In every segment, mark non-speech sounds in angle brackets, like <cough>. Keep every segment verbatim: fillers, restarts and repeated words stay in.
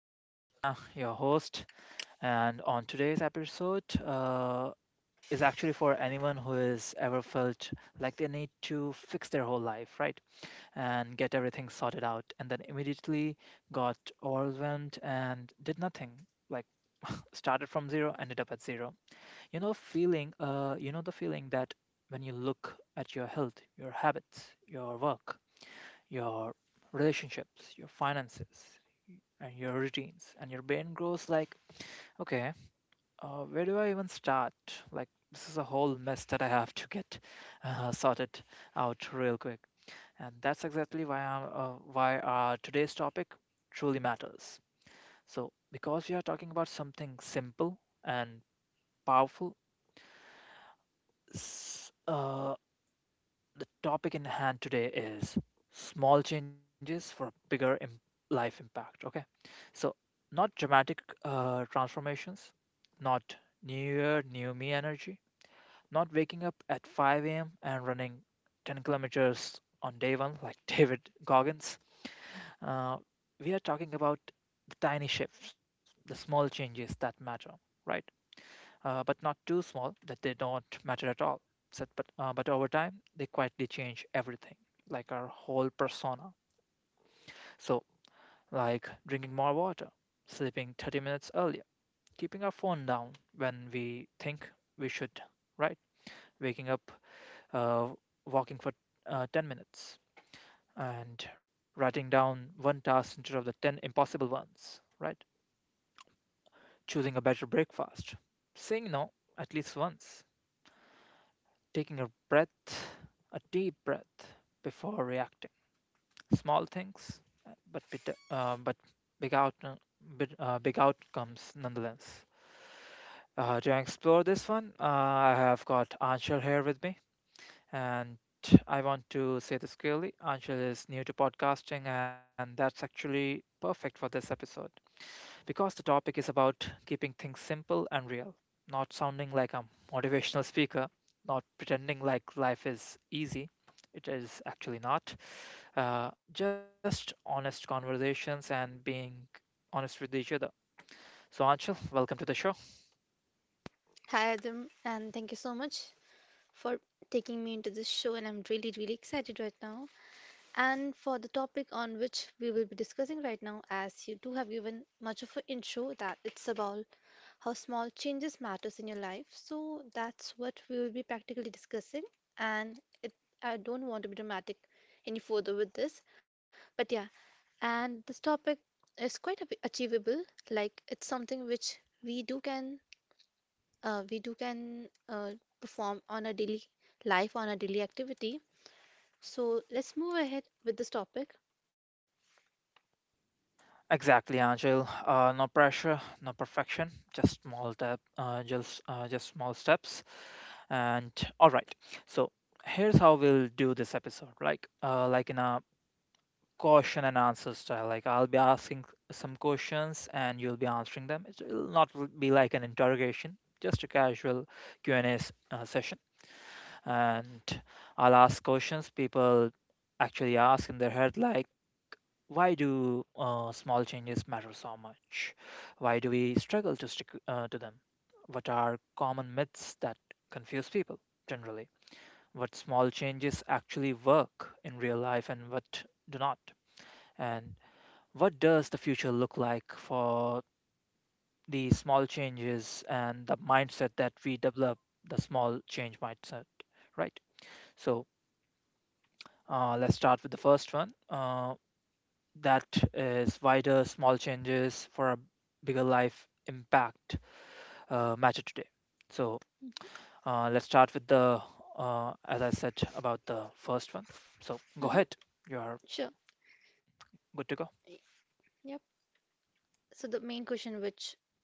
I am Adamya, your host, and on today's episode uh, is actually for anyone who has ever felt like they need to fix their whole life, right, and get everything sorted out, and then immediately got overwhelmed and did nothing, like <laughs> started from zero, ended up at zero. You know, feeling, uh, you know, the feeling that when you look at your health, your habits, your work, your relationships, your finances, and your routines. And your brain grows like, okay, uh, where do I even start? Like, this is a whole mess that I have to get uh, sorted out real quick. And that's exactly why I'm, uh, why our today's topic truly matters. So, because we are talking about something simple and powerful, s- uh, the topic in hand today is small changes for a bigger Im- life impact. Okay. So, not dramatic uh, transformations, not new year, new me energy, not waking up at five a m and running ten kilometers on day one like <laughs> David Goggins. Uh, we are talking about the tiny shifts, the small changes that matter, right? Uh, but not too small that they don't matter at all. So, but, uh, but over time, they quietly change everything, like our whole persona. So, like drinking more water, sleeping thirty minutes earlier, keeping our phone down when we think we should, right? Waking up, uh, walking for uh, ten minutes, and writing down one task instead of the ten impossible ones, right? Choosing a better breakfast, saying no at least once, taking a breath, a deep breath before reacting. Small things, uh, but bit, uh, but big out, big, uh, big outcomes nonetheless. Uh, to explore this one, uh, I have got Anshul here with me. And I want to say this clearly, Anshul is new to podcasting, and that's actually perfect for this episode because the topic is about keeping things simple and real, not sounding like a motivational speaker, not pretending like life is easy. It is actually not. Uh, just honest conversations and being honest with each other. So, Anshul, welcome to the show. Hi Adam, and thank you so much for taking me into this show, and I'm really, really excited right now. And for the topic on which we will be discussing right now, as you do have given much of an intro, that it's about how small changes matters in your life. So that's what we will be practically discussing, and it, I don't want to be dramatic any further with this, but yeah, and this topic is quite a bit achievable. Like it's something which we do can uh, we do can uh, perform on a daily life on a daily activity. So let's move ahead with this topic. Exactly, Angel. Uh, no pressure, no perfection, just small step, uh, just uh, just small steps. And all right, so here's how we'll do this episode, like uh, like in a question and answer style. Like I'll be asking some questions and you'll be answering them. It will not r- be like an interrogation, just a casual Q and A s- uh, session. And I'll ask questions people actually ask in their head, like why do uh, small changes matter so much? Why do we struggle to stick uh, to them? What are common myths that confuse people generally? What small changes actually work in real life and what do not. And what does the future look like for the small changes and the mindset that we develop, the small change mindset, right? So uh, let's start with the first one. Uh, that is, why do small changes for a bigger life impact uh, matter today? So uh, let's start with the, uh, as I said, about the first one. So go Mm-hmm. ahead, you are Sure. good to go. Yep. So the main question which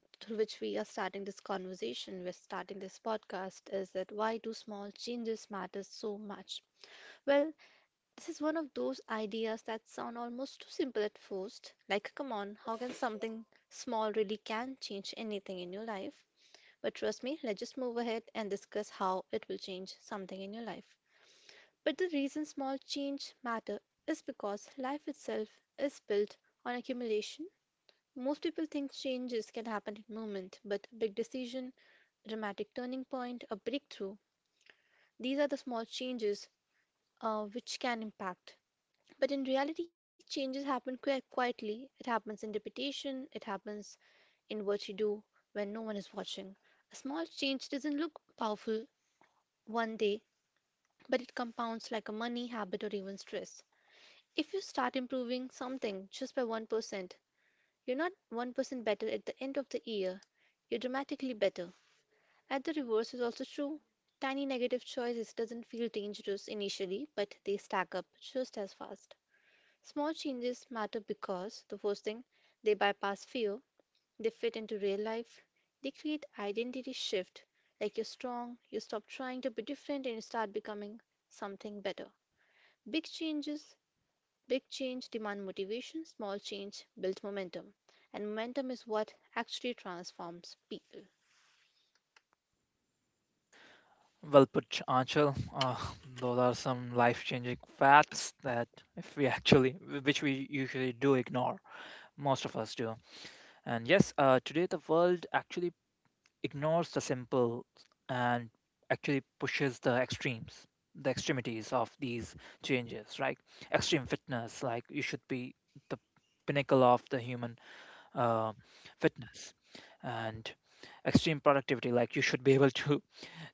through which we are starting this conversation, we're starting this podcast is that why do small changes matter so much? Well, this is one of those ideas that sound almost too simple at first. Like, come on, how can something small really can change anything in your life? But trust me, let's just move ahead and discuss how it will change something in your life. But the reason small change matter is because life itself is built on accumulation. Most people think changes can happen in a moment, but a big decision, a dramatic turning point, a breakthrough, these are the small changes uh, which can impact. But in reality, changes happen quite quietly. It happens in reputation, it happens in what you do when no one is watching. A small change doesn't look powerful one day, but it compounds like a money habit or even stress. If you start improving something just by one percent, you're not one percent better at the end of the year, you're dramatically better. At the reverse is also true. Tiny negative choices doesn't feel dangerous initially, but they stack up just as fast. Small changes matter because the first thing, they bypass fear, they fit into real life, they create identity shift, like you're strong, you stop trying to be different and you start becoming something better. Big changes, big change demand motivation, small change builds momentum. And momentum is what actually transforms people. Well put, Anchal. Uh, those are some life-changing facts that, if we actually, which we usually do ignore, most of us do. And yes, uh, today the world actually ignores the simple and actually pushes the extremes, the extremities of these changes, right? Extreme fitness, like you should be the pinnacle of the human uh, fitness, and extreme productivity, like you should be able to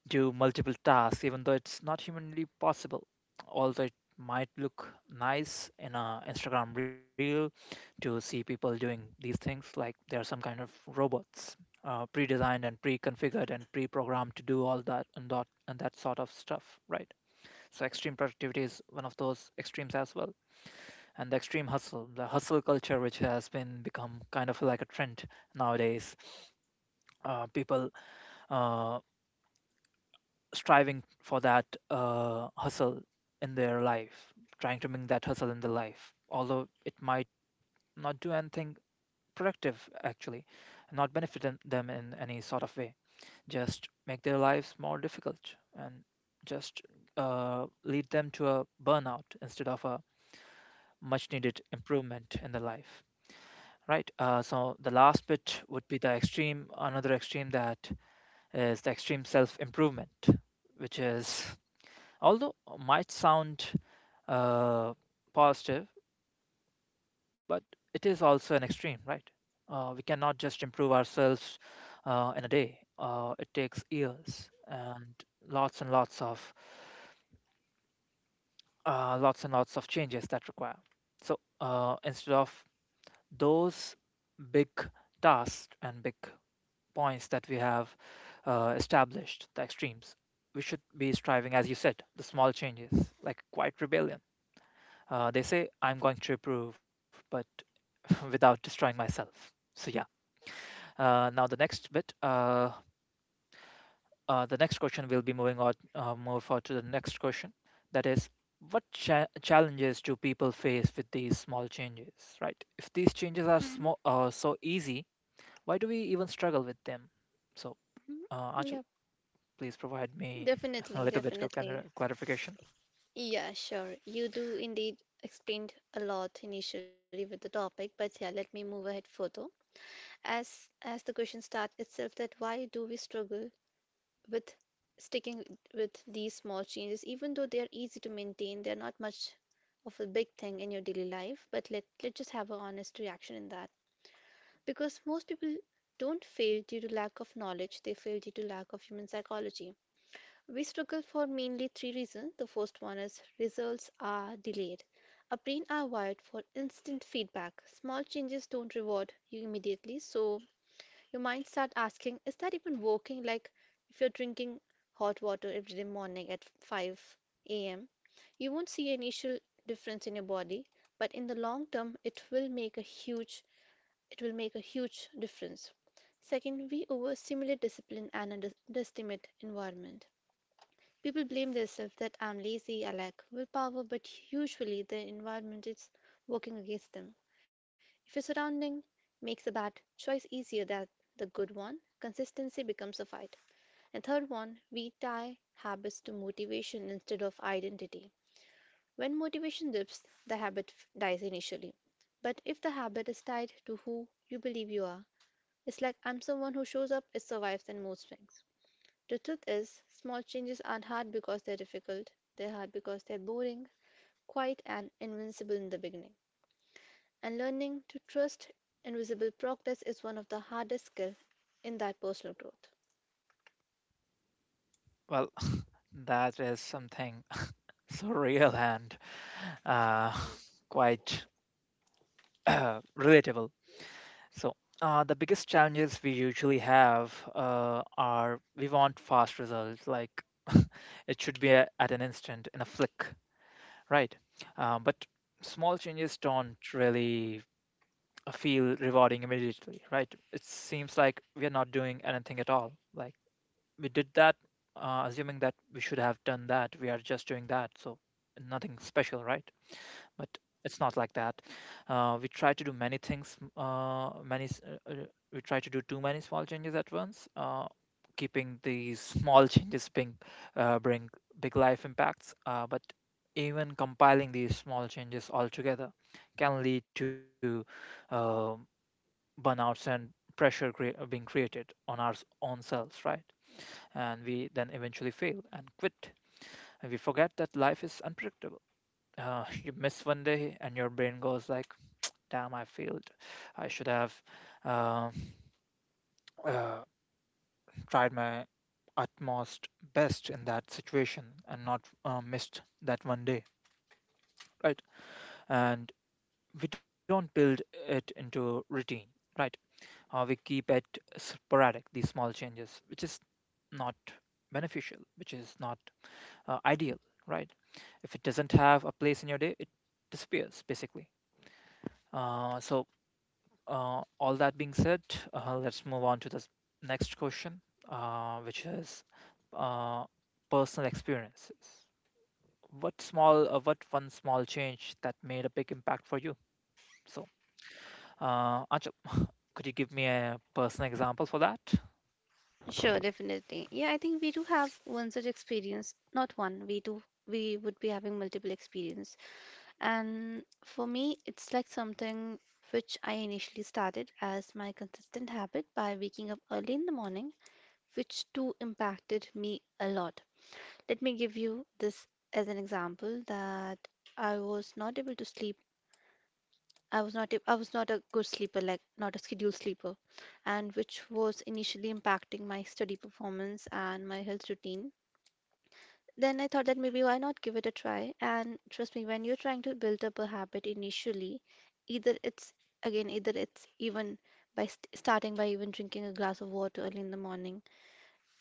do multiple tasks, even though it's not humanly possible. Although it might look nice in a Instagram reel to see people doing these things, like they are some kind of robots, uh, pre-designed and pre-configured and pre-programmed to do all that and that and that sort of stuff, right? So extreme productivity is one of those extremes as well, and the extreme hustle, the hustle culture, which has been become kind of like a trend nowadays. Uh, people uh, striving for that uh, hustle in their life, trying to bring that hustle in their life, although it might not do anything productive actually, not benefit them them in any sort of way, just make their lives more difficult and just uh, lead them to a burnout instead of a much needed improvement in their life. Right. Uh, so the last bit would be the extreme, another extreme, that is the extreme self improvement, which is although uh, might sound uh, positive, but it is also an extreme, right? Uh, we cannot just improve ourselves uh, in a day. Uh, it takes years and lots and lots of uh, lots and lots of changes that require. So uh, instead of those big tasks and big points that we have uh, established, the extremes, we should be striving, as you said, the small changes, like quiet rebellion. Uh, they say I'm going to improve, but <laughs> without destroying myself. So yeah. Uh, now the next bit. Uh, uh, the next question will be moving on. Uh, move on to the next question. That is, what cha- challenges do people face with these small changes? Right. If these changes are Mhm, small, uh, so easy, why do we even struggle with them? So, mhm. uh, Anshul, Yep. please provide me <laughs> a Definitely, little bit of clar- definitely. clarification. Yeah, sure. You do indeed explained a lot initially with the topic, but yeah, let me move ahead further. As as the question starts itself that why do we struggle with sticking with these small changes, even though they're easy to maintain, they're not much of a big thing in your daily life. But let, let's just have an honest reaction in that. Because most people don't fail due to lack of knowledge, they fail due to lack of human psychology. We struggle for mainly three reasons. The first one is results are delayed. Our brain are wired for instant feedback. Small changes don't reward you immediately, so your mind starts asking, is that even working? Like if you're drinking hot water every day morning at five a m, you won't see an initial difference in your body, but in the long term, it will make a huge it will make a huge difference. Second, we overstimulate discipline and under- underestimate environment. People blame themselves that I'm lazy, I lack willpower, but usually the environment is working against them. If your surrounding makes a bad choice easier than the good one, consistency becomes a fight. And third one, we tie habits to motivation instead of identity. When motivation dips, the habit dies initially. But if the habit is tied to who you believe you are, it's like I'm someone who shows up, it survives and mood swings. The truth is, small changes aren't hard because they're difficult, they're hard because they're boring, quiet, and invincible in the beginning. And learning to trust invisible progress is one of the hardest skills in that personal growth. Well, <laughs> that is something <laughs> so real and uh, <laughs> quite <coughs> <clears throat> relatable. So, uh, the biggest challenges we usually have uh, are we want fast results, like <laughs> it should be a, at an instant, in a flick, right? Um, but small changes don't really feel rewarding immediately, right? It seems like we are not doing anything at all. Like we did that, uh, assuming that we should have done that. We are just doing that, so nothing special, right? But it's not like that. Uh, we try to do many things, uh, many s- uh, uh, We try to do too many small changes at once, uh, keeping these small <laughs> changes being uh, bring big life impacts. Uh, but even compiling these small changes all together can lead to uh, burnouts and pressure crea- uh, being created on our s- own selves, right? And we then eventually fail and quit, and we forget that life is unpredictable. Uh, <laughs> you miss one day and your brain goes like, damn, I failed. I should have uh, uh, tried my utmost best in that situation and not uh, missed that one day, right? And we don't build it into routine, right? Uh, we keep it sporadic, these small changes, which is not beneficial, which is not uh, ideal, right? If it doesn't have a place in your day, it disappears basically. Uh, so Uh, all that being said, uh, let's move on to the next question, uh, which is uh, personal experiences. What small, uh, what one small change that made a big impact for you? So, uh, Anshul, <laughs> could you give me a personal example for that? Sure, definitely. Yeah, I think we do have one such experience. Not one, we do. We would be having multiple experience. And for me, it's like something which I initially started as my consistent habit by waking up early in the morning, which too impacted me a lot. Let me give you this as an example that I was not able to sleep I was not a, I was not a good sleeper, like not a scheduled sleeper, and which was initially impacting my study performance and my health routine. Then I thought that maybe why not give it a try? And trust me, when you're trying to build up a habit initially, either it's again, either it's even by st starting by even drinking a glass of water early in the morning.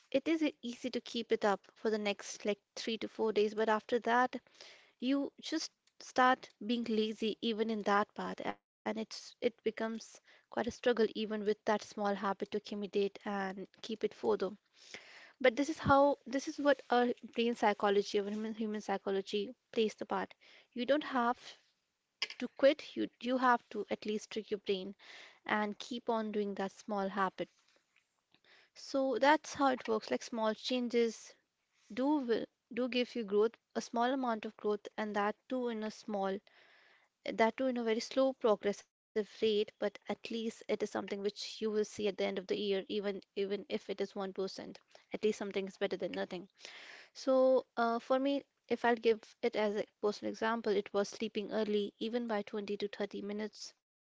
It is e- easy to keep it up for the next like three to four days, but after that, you just start being lazy even in that part, and it's it becomes quite a struggle even with that small habit to accumulate and keep it for them. But this is how this is what our brain psychology or human human psychology plays the part. You don't have to quit, you you have to at least trick your brain and keep on doing that small habit. So that's how it works. Like small changes do will do give you growth, a small amount of growth, and that too in a small that too in a very slow progressive rate, but at least it is something which you will see at the end of the year, even even if it is one percent. At least something is better than nothing. So uh, for me, if I'll give it as a personal example, it was sleeping early even by twenty to thirty minutes.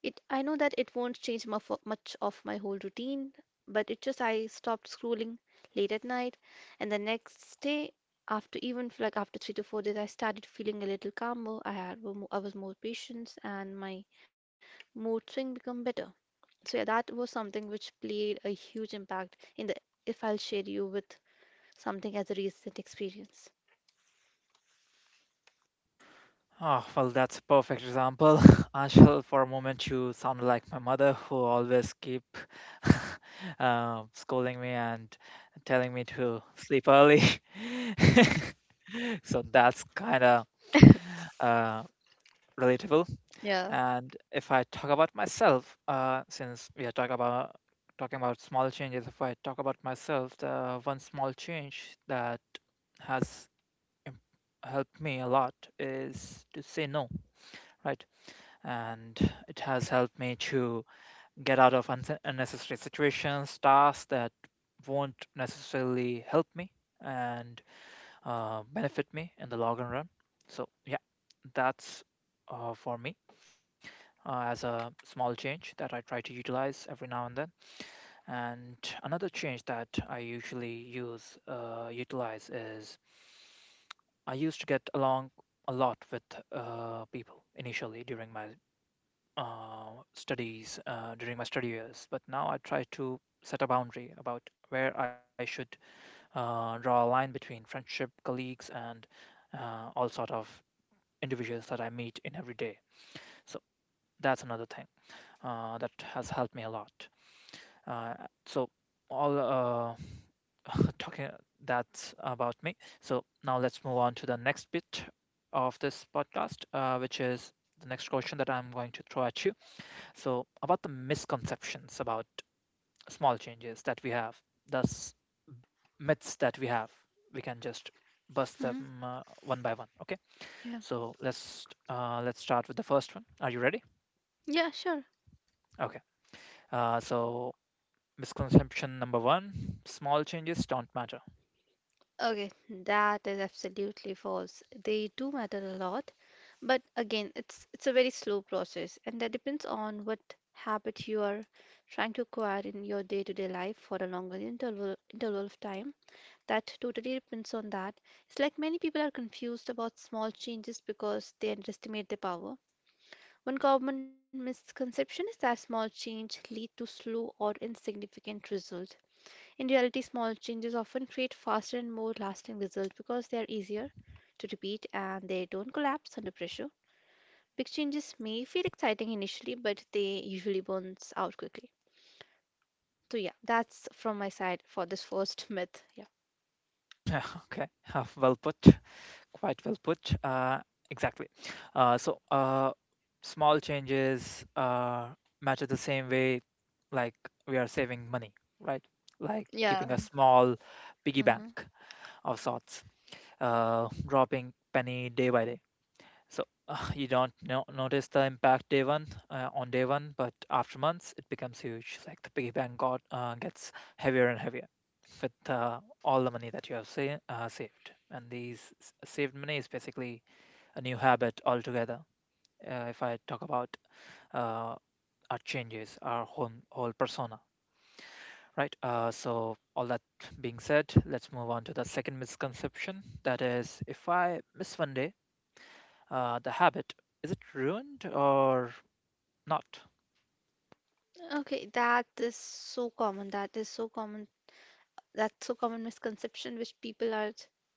It I know that it won't change muff, much of my whole routine, but it just I stopped scrolling late at night, and the next day, after even f- like after three to four days, I started feeling a little calmer. I had were mo- I was more patient, and my mood swing become better. So yeah, that was something which played a huge impact in the, if I'll share you with something as a recent experience. Oh, well, that's a perfect example. <laughs> Anshul, for a moment, you sounded like my mother, who always keep <laughs> uh, scolding me and telling me to sleep early. <laughs> <laughs> So that's kind of <laughs> uh, relatable. Yeah. And if I talk about myself, uh, since we are talking about talking about small changes, if I talk about myself, the one small change that has im- helped me a lot is to say no, right? And it has helped me to get out of unse- unnecessary situations, tasks that won't necessarily help me. And uh, benefit me in the long run. So yeah, that's uh, for me uh, as a small change that I try to utilize every now and then. And another change that I usually use uh, utilize is I used to get along a lot with uh, people initially during my uh, studies uh, during my study years, but now I try to set a boundary about where I should uh, draw a line between friendship, colleagues, and uh, all sort of individuals that I meet in every day. So that's another thing uh, that has helped me a lot. Uh, so all uh, <laughs> talking, that's about me. So now let's move on to the next bit of this podcast, uh, which is the next question that I'm going to throw at you. So about the misconceptions about small changes that we have. Thus, myths that we have we can just bust Hmm. them uh, one by one. Okay, Yeah. so let's uh, let's start with the first one. Are you ready? Yeah, sure. Okay. Uh, so misconception number one: small changes don't matter. Okay, that is absolutely false. They do matter a lot, but again, it's it's a very slow process, and that depends on what habit you are trying to acquire in your day-to-day life for a longer interval interval of time. That totally depends on that. It's like many people are confused about small changes because they underestimate their power. One common misconception is that small change lead to slow or insignificant result. In reality, small changes often create faster and more lasting results because they are easier to repeat and they don't collapse under pressure. Big changes may feel exciting initially, but they usually burns out quickly. So yeah, that's from my side for this first myth. Yeah. <laughs> Okay. <laughs> Well put. Quite well put, uh, exactly. uh, so uh, Small changes uh, matter the same way, like we are saving money, right? Like Yeah. keeping a small piggy Hmm. bank of sorts, uh, dropping penny day by day. So uh, you don't no- notice the impact day one uh, on day one, but after months it becomes huge. Like the piggy bank got uh, gets heavier and heavier with uh, all the money that you have sa- uh, saved. And these s- saved money is basically a new habit altogether. Uh, if I talk about uh, our changes, our whole whole persona, right? Uh, so all that being said, let's move on to the second misconception. That is, if I miss one day, Uh, the habit, is it ruined or not? Okay, that is so common. That is so common that's so common misconception which people are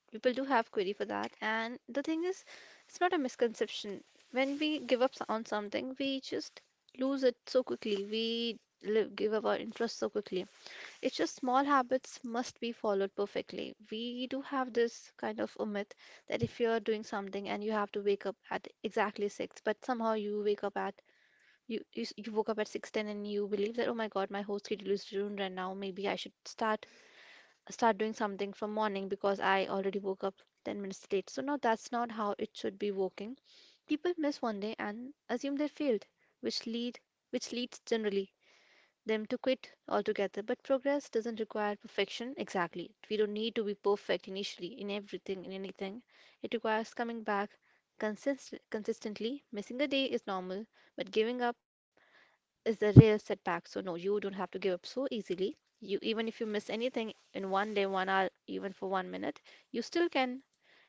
people do have query for that, and the thing is it's not a misconception. When we give up s- on something, we just lose it so quickly. We live, give up our interest so quickly. It's just small habits must be followed perfectly. We do have this kind of a myth that if you're doing something and you have to wake up at exactly six but somehow you wake up at you, you, s- you woke up at six ten and you believe that oh my god my whole schedule is ruined right now, maybe I should start start doing something from morning because I already woke up ten minutes late. So no, that's not how it should be working. People miss one day and assume they failed, which lead which leads generally them to quit altogether. But progress doesn't require perfection exactly. We don't need to be perfect initially in everything in anything. It requires coming back consist- consistently. Missing a day is normal, but giving up is a rare setback. So no, you don't have to give up so easily. You, even if you miss anything in one day, one hour, even for one minute, you still can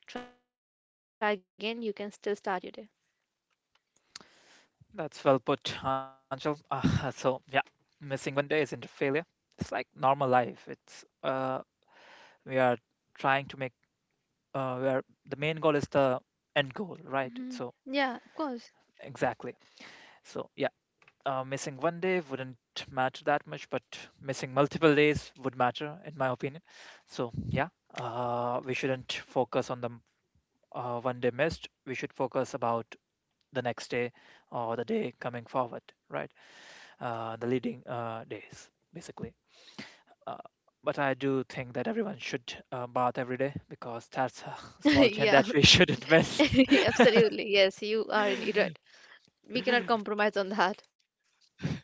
try again. You can still start your day. That's well put, Angel. Uh, <laughs> so, yeah, missing one day isn't a failure. It's like normal life. It's uh, We are trying to make, uh, we are the main goal is the end goal, Hmm. right? So Yeah, of course. <laughs> exactly. So yeah, uh, missing one day wouldn't matter that much, but missing multiple days would matter, in my opinion. So yeah, uh, we shouldn't focus on the uh, one day missed. We should focus about the next day or the day coming forward, right? Uh, the leading uh, days, basically. Uh, but I do think that everyone should uh, bath every day because that's a <laughs> small change Yeah, that we shouldn't miss. <laughs> absolutely. Yes, you are indeed right. We cannot <laughs> compromise on that. Yeah.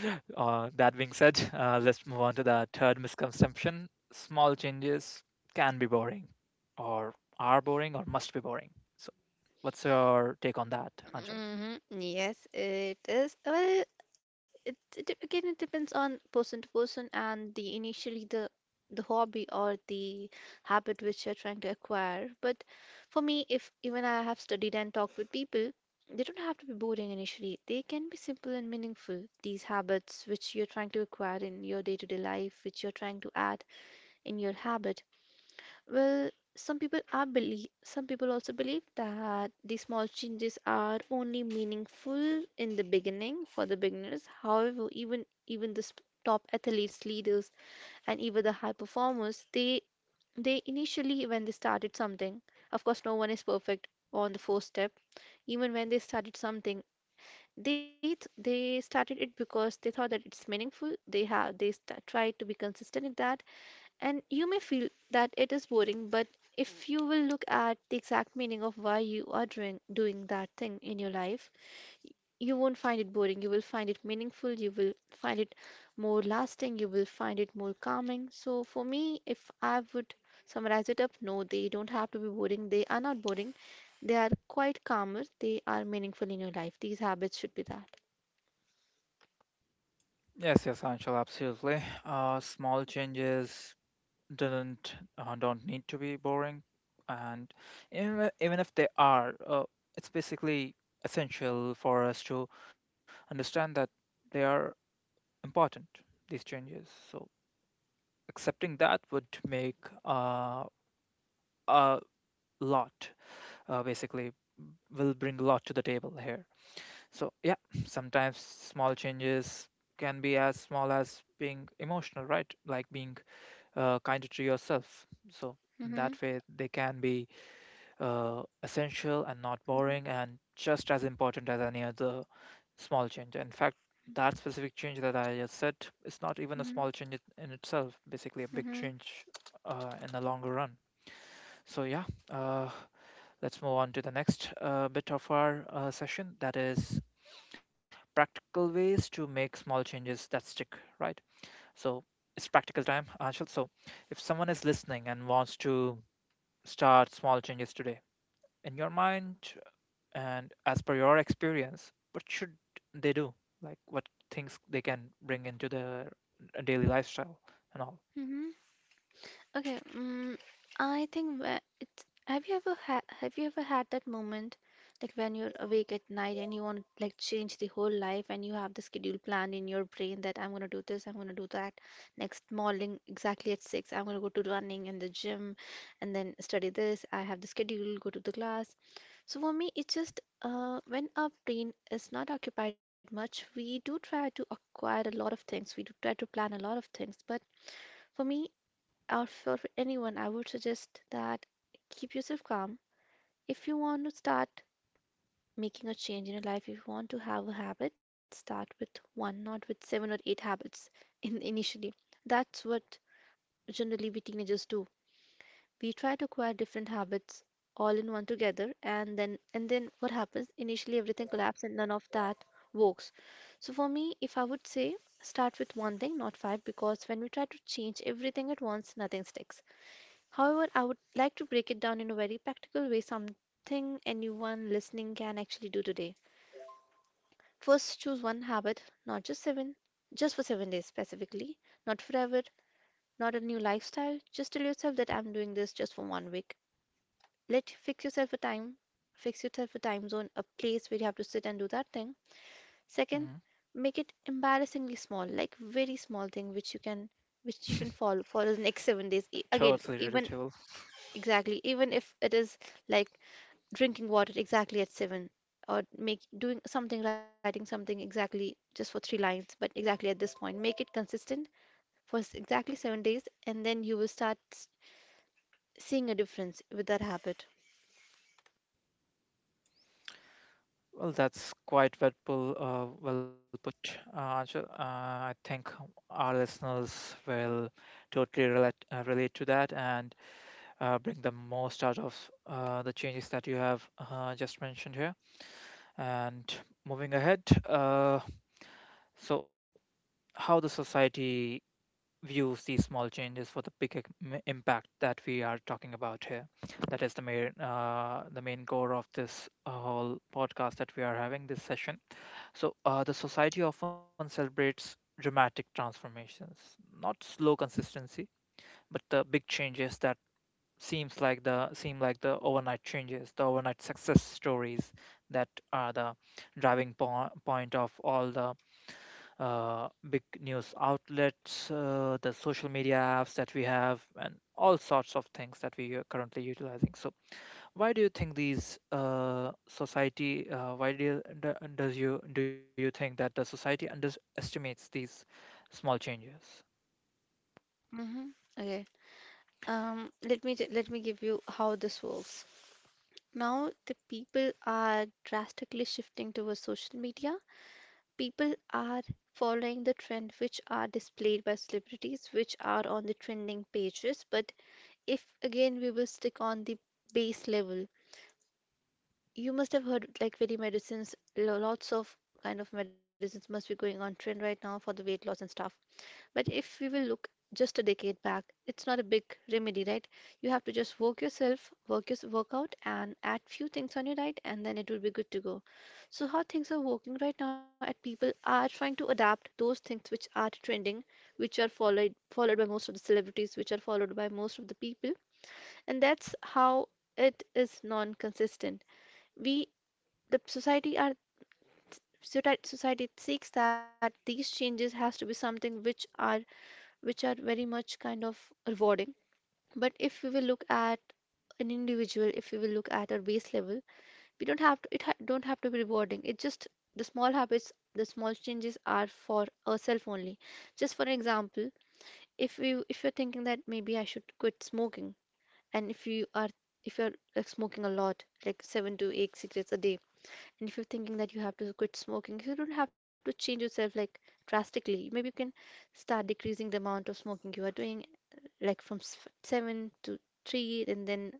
Uh, that being said, uh, let's move on to the third misconception. Small changes can be boring, or are boring, or must be boring. So, what's your take on that, Anshul? Hmm. Yes, it is. Well, it, it dep- again it depends on person to person and the initially the the hobby or the habit which you're trying to acquire. But for me, if even I have studied and talked with people, they don't have to be boring initially. They can be simple and meaningful. These habits which you're trying to acquire in your day-to-day life, which you're trying to add in your habit. Well, some people are believe some people also believe that the small changes are only meaningful in the beginning for the beginners. However, even even the sp- top athletes, leaders, and even the high performers, they they initially when they started something, of course, no one is perfect on the first step. Even when they started something, they th- they started it because they thought that it's meaningful. They have they st- tried to be consistent in that, and you may feel that it is boring, but if you will look at the exact meaning of why you are doing, doing that thing in your life, you won't find it boring. You will find it meaningful. You will find it more lasting. You will find it more calming. So, for me, if I would summarize it up, no, they don't have to be boring. They are not boring. They are quite calmer. They are meaningful in your life. These habits should be that. Yes, yes, Anshul, absolutely. Uh, small changes doesn't uh, don't need to be boring, and even, even if they are, uh, it's basically essential for us to understand that they are important, these changes. So accepting that would make uh, a lot uh, basically will bring a lot to the table here. So yeah, sometimes small changes can be as small as being emotional, right? Like being uh, kinder to yourself. So in Mm-hmm. that way they can be uh, essential and not boring and just as important as any other small change. In fact, that specific change that I just said is not even a Mm-hmm. small change it- in itself, basically a big Mm-hmm. change uh, in the longer run. So, yeah, uh, let's move on to the next uh, bit of our uh, session, that is practical ways to make small changes that stick, right? So, it's practical time, Anshul. So, if someone is listening and wants to start small changes today, in your mind, and as per your experience, what should they do? Like what things they can bring into their daily lifestyle and all? Mm-hmm. Okay. mm I think whe- it's have you ever ha have you ever had that moment, like when you're awake at night and you want to like change the whole life and you have the schedule planned in your brain that I'm gonna do this, I'm gonna do that next morning exactly at six, I'm gonna go to running and the gym and then study this. I have the schedule, go to the class. So for me, it's just uh when our brain is not occupied much, we do try to acquire a lot of things, we do try to plan a lot of things, but for me, or for anyone, I would suggest that keep yourself calm. If you want to start making a change in your life, if you want to have a habit, start with one, not with seven or eight habits in initially. That's what generally we teenagers do. We try to acquire different habits all in one together, and then and then what happens? Initially, everything collapses, and none of that works. So for me, if I would say start with one thing, not five, because when we try to change everything at once, nothing sticks. However, I would like to break it down in a very practical way, something anyone listening can actually do today. First, choose one habit, not just seven, just for seven days specifically, not forever, not a new lifestyle. Just tell yourself that I'm doing this just for one week. Let fix yourself a time, fix yourself a time zone, a place where you have to sit and do that thing. Second, Mhm. make it embarrassingly small, like very small thing which you can which you can follow for the next seven days. E- Again, Totally even relatable. exactly, even if it is like drinking water exactly at seven, or make doing something writing something exactly just for three lines, but exactly at this point make it consistent for s- exactly seven days, and then you will start s- seeing a difference with that habit. Well, that's quite well put, uh, well put, uh, Anshul. Uh, I think our listeners will totally relate uh, relate to that and uh, bring the most out of uh, the changes that you have uh, just mentioned here. And moving ahead, uh, so how the society View these small changes for the big ec- impact that we are talking about here. That is the main uh, the main core of this uh, whole podcast that we are having, this session. So uh, the society often celebrates dramatic transformations, not slow consistency, but the big changes that seems like the seem like the overnight changes, the overnight success stories that are the driving po- point of all the uh, big news outlets, uh, the social media apps that we have, and all sorts of things that we are currently utilizing. So, why do you think these uh, society? Uh, why do you, do- does you do you think that the society underestimates these small changes? hmm okay. um let me ju- let me give you how this works. Now the people are drastically shifting towards social media, people are following the trend which are displayed by celebrities, which are on the trending pages, but if again we will stick on the base level, you must have heard like very medicines, lo- lots of kind of medicines must be going on trend right now for the weight loss and stuff. But if we will look just a decade back, it's not a big remedy, right? You have to just work yourself, work your work out, and add few things on your diet, and then it will be good to go. So how things are working right now, at people are trying to adapt those things which are trending, which are followed followed by most of the celebrities, which are followed by most of the people, and that's how it is non-consistent. We the society are society society seeks that these changes has to be something which are which are very much kind of rewarding, but if we will look at an individual, if we will look at our base level, we don't have to, it ha- don't have to be rewarding, it just, the small habits, the small changes are for ourselves only. Just for example, if we if you're thinking that maybe I should quit smoking, and if you are if you're like smoking a lot, like seven to eight cigarettes a day, and if you're thinking that you have to quit smoking, you don't have to change yourself like drastically, maybe you can start decreasing the amount of smoking you are doing, like from s- seven to three, and then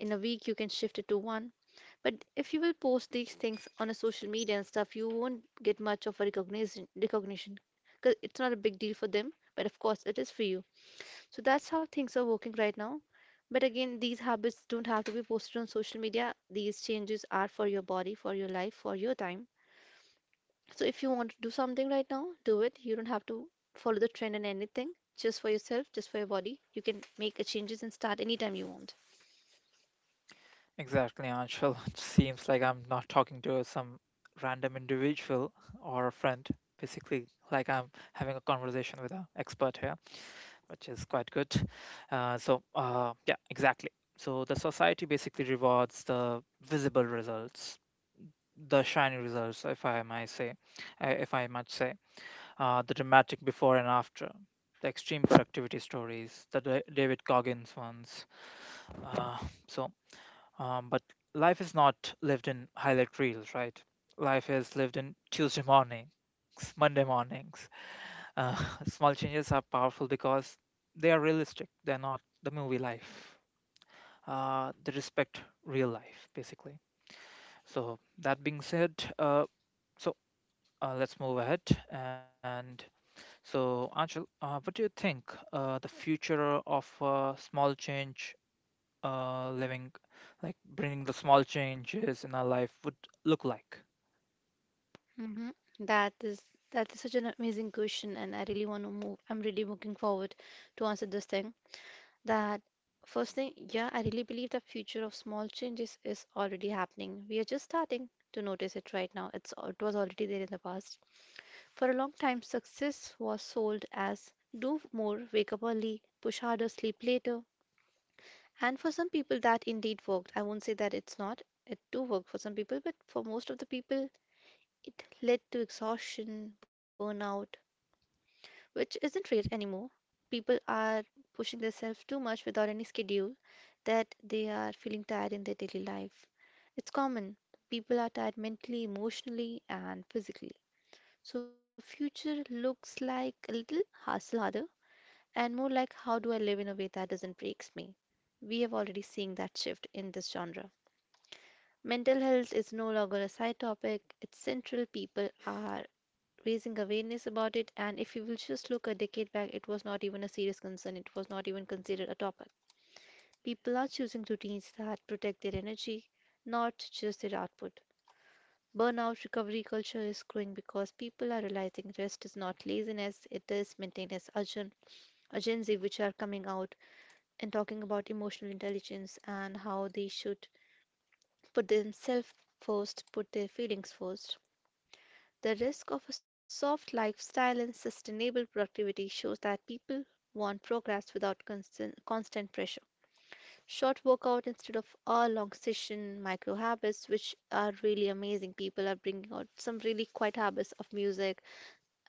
in a week you can shift it to one. But if you will post these things on a social media and stuff, you won't get much of a recognition recognition, because it's not a big deal for them, but of course it is for you. So that's how things are working right now. But again, these habits don't have to be posted on social media. These changes are for your body, for your life, for your time. So if you want to do something right now, do it. You don't have to follow the trend in anything. Just for yourself, just for your body. You can make a changes and start anytime you want. Exactly, Anshul. <laughs> It seems like I'm not talking to some random individual or a friend. Basically, like I'm having a conversation with an expert here, which is quite good. Uh, so, uh, yeah, exactly. So the society basically rewards the visible results, the shiny results, if I might say, uh, if I might say, uh, the dramatic before and after, the extreme productivity stories, the Da- David Goggins ones. Uh, so, um, but life is not lived in highlight reels, right? Life is lived in Tuesday mornings, Monday mornings. Uh, <laughs> small changes are powerful because they are realistic. They're not the movie life. Uh, they respect real life, basically. So that being said, uh, so uh, let's move ahead. And so, Anshul, uh, what do you think uh, the future of uh, small change uh, living, like bringing the small changes in our life, would look like? hmm That is that is such an amazing question, and I really want to move. I'm really looking forward to answer this thing. That first thing, yeah, I really believe the future of small changes is already happening. We are just starting to notice it right now. It's al- it was already there in the past. For a long time, success was sold as do more, wake up early, push harder, sleep later. And for some people, that indeed worked. I won't say that it's not. It do work for some people, but for most of the people, it led to exhaustion, burnout, which isn't rare anymore. People are pushing themselves too much without any schedule, that they are feeling tired in their daily life. It's common. People are tired mentally, emotionally, and physically. So future looks like a little hustle harder and more like how do I live in a way that doesn't breaks me. We have already seen that shift in this genre. Mental health is no longer a side topic, it's central. People are raising awareness about it. And if you will just look a decade back, it was not even a serious concern, it was not even considered a topic. People are choosing routines that protect their energy, not just their output. Burnout recovery culture is growing because people are realizing rest is not laziness, it is maintenance urgent agency which are coming out and talking about emotional intelligence and how they should put themselves first, put their feelings first. The risk of a soft lifestyle and sustainable productivity shows that people want progress without constant, constant pressure. Short workout instead of a long session, micro habits, which are really amazing. People are bringing out some really quiet habits of music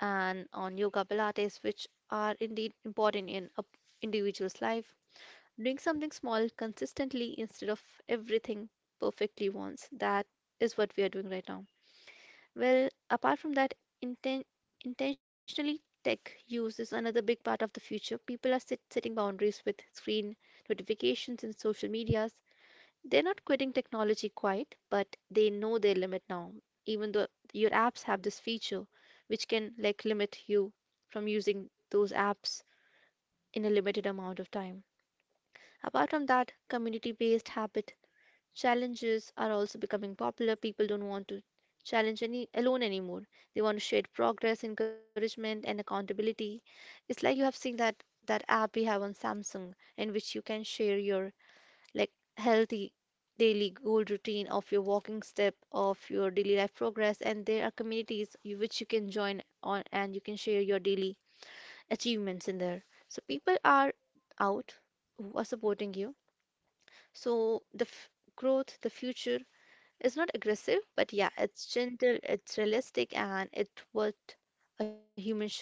and on yoga pilates, which are indeed important in an individual's life. Doing something small consistently instead of everything perfectly once. That is what we are doing right now. Well, apart from that, inten intentionally tech use is another big part of the future. People are set setting boundaries with screen notifications and social medias. They're not quitting technology quite, but they know their limit now. Even though your apps have this feature, which can like limit you from using those apps in a limited amount of time. Apart from that, community-based habit challenges are also becoming popular. People don't want to challenge any alone anymore. They want to share progress, encouragement, and accountability. It's like you have seen that that app we have on Samsung, in which you can share your like healthy daily goal routine of your walking step of your daily life progress, and there are communities you, which you can join on, and you can share your daily achievements in there. So people are out who are supporting you. So the f- growth the future, it's not aggressive, but yeah, it's gentle, it's realistic, and it's what a human should do.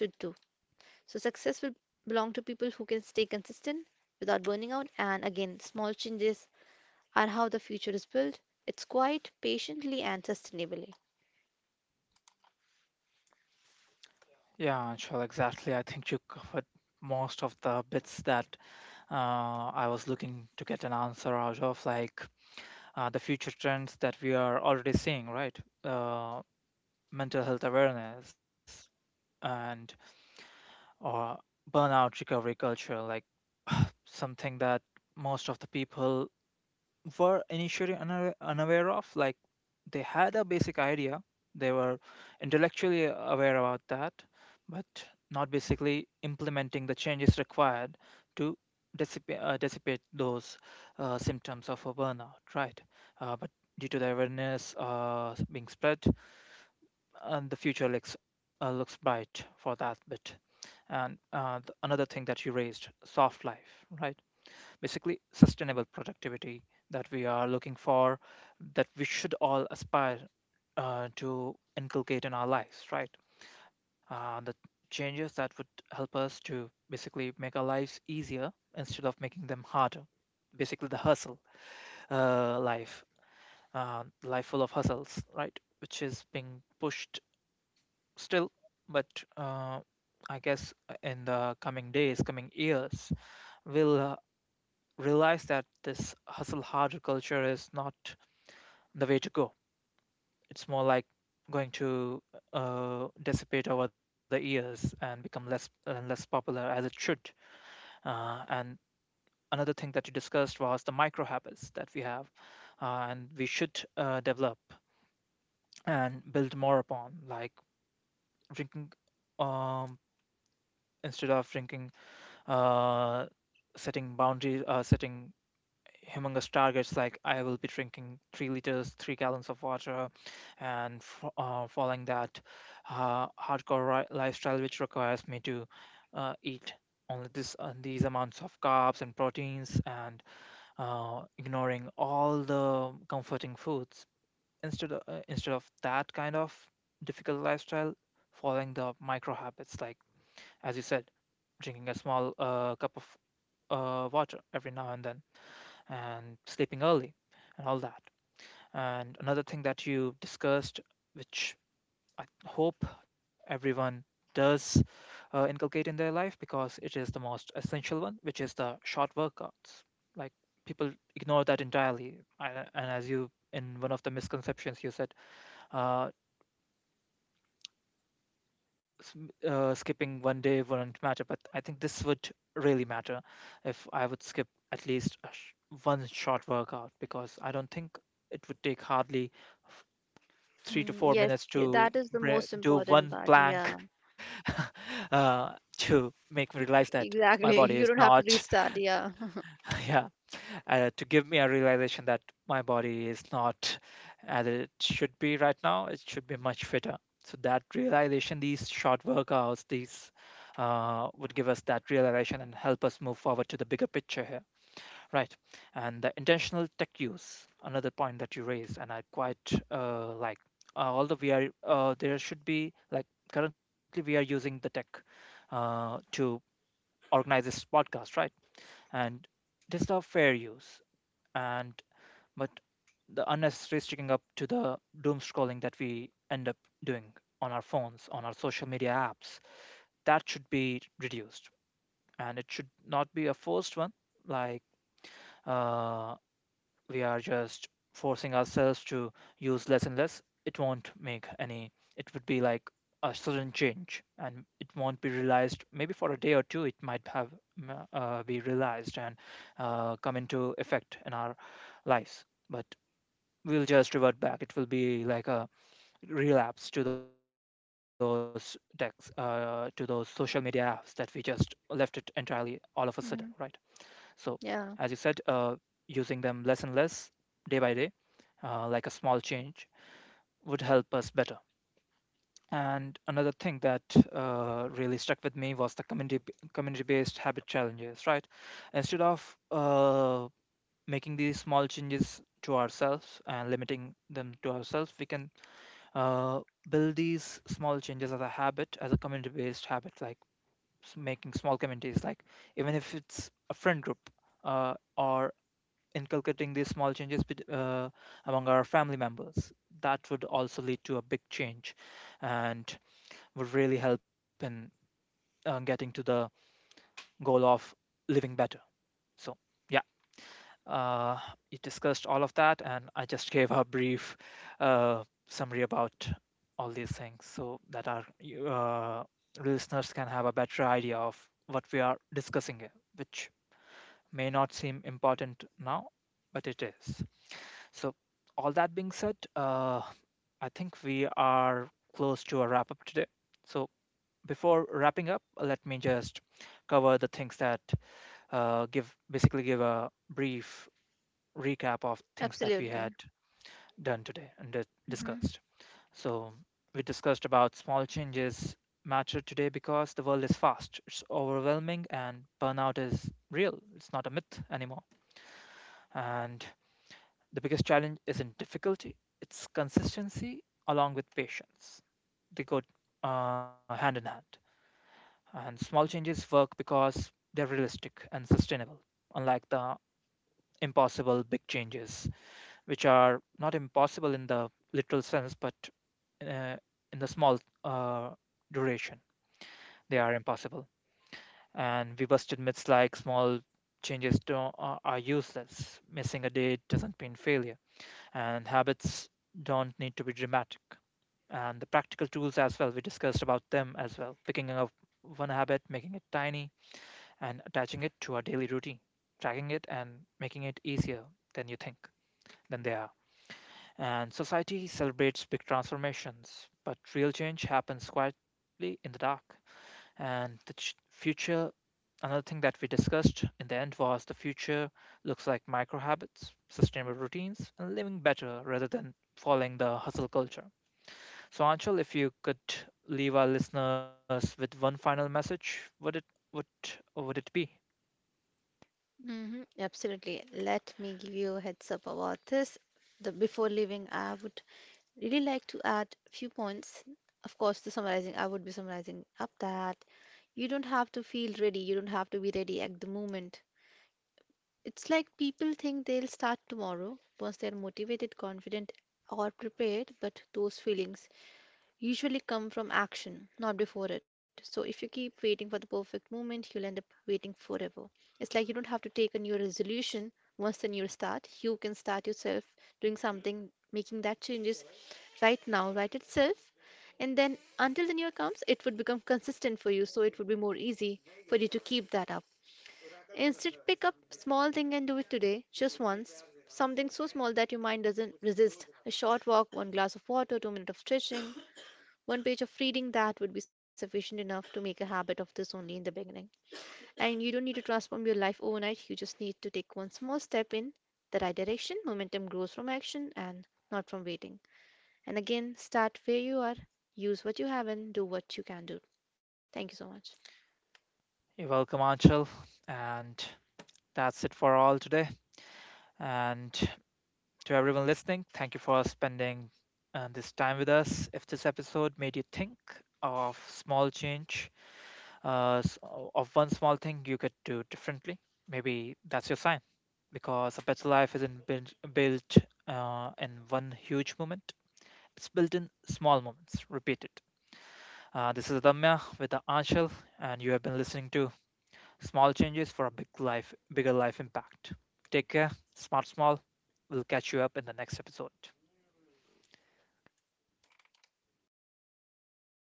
So success will belong to people who can stay consistent without burning out. And again, small changes are how the future is built. It's quite patiently and sustainably. Yeah, Anshul, exactly. I think you covered most of the bits that uh, I was looking to get an answer out of, like uh, the future trends that we are already seeing, right? Uh, mental health awareness and or burnout recovery culture, like something that most of the people were initially unaware, unaware of. Like they had a basic idea, they were intellectually aware about that, but not basically implementing the changes required to dissipate, uh, dissipate those uh, symptoms of a burnout, right? Uh, but due to the awareness uh, being spread, and the future looks uh, looks bright for that bit. And uh, th- another thing that you raised, soft life, right? Basically sustainable productivity that we are looking for, that we should all aspire uh, to inculcate in our lives, right? Uh, the changes that would help us to basically make our lives easier instead of making them harder. Basically, the hustle uh, life, uh, life full of hustles, right? Which is being pushed still, but uh, I guess in the coming days, coming years, will uh, Realize that this hustle harder culture is not the way to go. It's more like going to uh, dissipate over the years and become less and less popular as it should. Uh, and another thing that you discussed was the micro habits that we have uh, and we should uh, develop and build more upon, like drinking um, instead of drinking, uh, setting boundaries, uh, setting humongous targets like I will be drinking three liters, three gallons of water, and f- uh, following that uh, hardcore ri- lifestyle, which requires me to uh, eat only this uh, these amounts of carbs and proteins, and uh, ignoring all the comforting foods. Instead of, uh, instead of that kind of difficult lifestyle, following the micro habits, like as you said, drinking a small uh, cup of uh, water every now and then and sleeping early and all that. And another thing that you discussed, which I hope everyone does uh, inculcate in their life because it is the most essential one, which is the short workouts. Like people ignore that entirely. I, and as you, in one of the misconceptions, you said, uh, s- uh, skipping one day wouldn't matter, but I think this would really matter if I would skip at least a sh- one short workout, because I don't think it would take hardly f- three to Mm, four yes, minutes y- to that is the bre- most do important one part. plank. Yeah, <laughs> Uh, to make me realize that my body exactly. is <laughs> You don't have to not, restart. Yeah. <laughs> <laughs> yeah, uh, to give me a realization that my body is not as it should be right now. It should be much fitter. So that realization, these short workouts, these uh, would give us that realization and help us move forward to the bigger picture here, right? And the intentional tech use, another point that you raised, and I quite uh, like. Uh, although we are, uh, there should be like currently we are using the tech uh, to organize this podcast, right? And this is our fair use, and but the unnecessary sticking up to the doom scrolling that we end up doing on our phones, on our social media apps, that should be reduced. And it should not be a forced one, like uh, we are just forcing ourselves to use less and less. It won't make any, it would be like a sudden change and it won't be realized. Maybe for a day or two, it might have mm, uh, be realized and uh, come into effect in our lives. But we'll just revert back. It will be like a relapse to those text, uh, to those social media apps that we just left it entirely hmm all of a sudden, right? Yeah, So, as you said, uh, using them less and less day by day, uh, like a small change, would help us better. And another thing that uh, really stuck with me was the community community based habit challenges, right? Instead of uh, making these small changes to ourselves and limiting them to ourselves, we can uh, build these small changes as a habit, as a community-based habit, like s- making small communities, like even if it's a friend group, uh, or inculcating these small changes bet- uh, among our family members. That would also lead to a big change, and would really help in uh, getting to the goal of living better. So, yeah. Uh, you discussed all of that, and I just gave a brief uh, summary about all these things so that our uh, listeners can have a better idea of what we are discussing here, which may not seem important now, but it is. So, all that being said, uh, I think we are close to a wrap up today. So, before wrapping up, let me just cover the things that uh, give basically give a brief recap of things that we had absolutely. done today and di- discussed. So, we discussed about small changes matter today because the world is fast, it's overwhelming, and burnout is real. It's not a myth anymore. And the biggest challenge isn't difficulty, it's consistency along with patience. They go uh, hand in hand. And small changes work because they're realistic and sustainable, unlike the impossible big changes, which are not impossible in the literal sense, but uh, in the small uh, duration, they are impossible. And we busted myths like small changes don't, are are useless, missing a day doesn't mean failure, and habits don't need to be dramatic. And the practical tools as well, we discussed about them as well. Picking up one habit, making it tiny, and attaching it to our daily routine, tracking it, and making it easier than you think, than they are. And society celebrates big transformations, but real change happens quietly in the dark. And the ch- future, another thing that we discussed in the end, was the future looks like micro habits, sustainable routines, and living better rather than following the hustle culture. So, Anshul, if you could leave our listeners with one final message, would it would would it be? hmm Absolutely. Let me give you a heads up about this. The Before leaving, I would really like to add a few points. Of course, the summarizing, I would be summarizing up that you don't have to feel ready. You don't have to be ready at the moment. It's like people think they'll start tomorrow once they're motivated, confident, or prepared, but those feelings usually come from action, not before it. So if you keep waiting for the perfect moment, you'll end up waiting forever. It's like you don't have to take a new resolution once the new start. You can start yourself doing something, making that changes right now, right itself. And then until the new comes, it would become consistent for you, so it would be more easy for you to keep that up. Instead, pick up small thing and do it today, just once. Something so small that your mind doesn't resist. A short walk, one glass of water, two minutes of stretching, one page of reading that would be sufficient enough to make a habit of this only in the beginning. And you don't need to transform your life overnight, you just need to take one small step in the right direction. Momentum grows from action and not from waiting. And again, start where you are, use what you have, and do what you can do. Thank you so much. You're welcome, Anshul, and that's it for all today. And to everyone listening, thank you for spending uh, this time with us. If this episode made you think of small change, uh, s- of one small thing you could do differently, maybe that's your sign. Because a better life isn't built, built uh, in one huge moment, it's built in small moments, repeated. Uh, this is Adamya with the Anshul, and you have been listening to Small Changes for a Big Life, Bigger Life Impact. Take care, smart small. We'll catch you up in the next episode.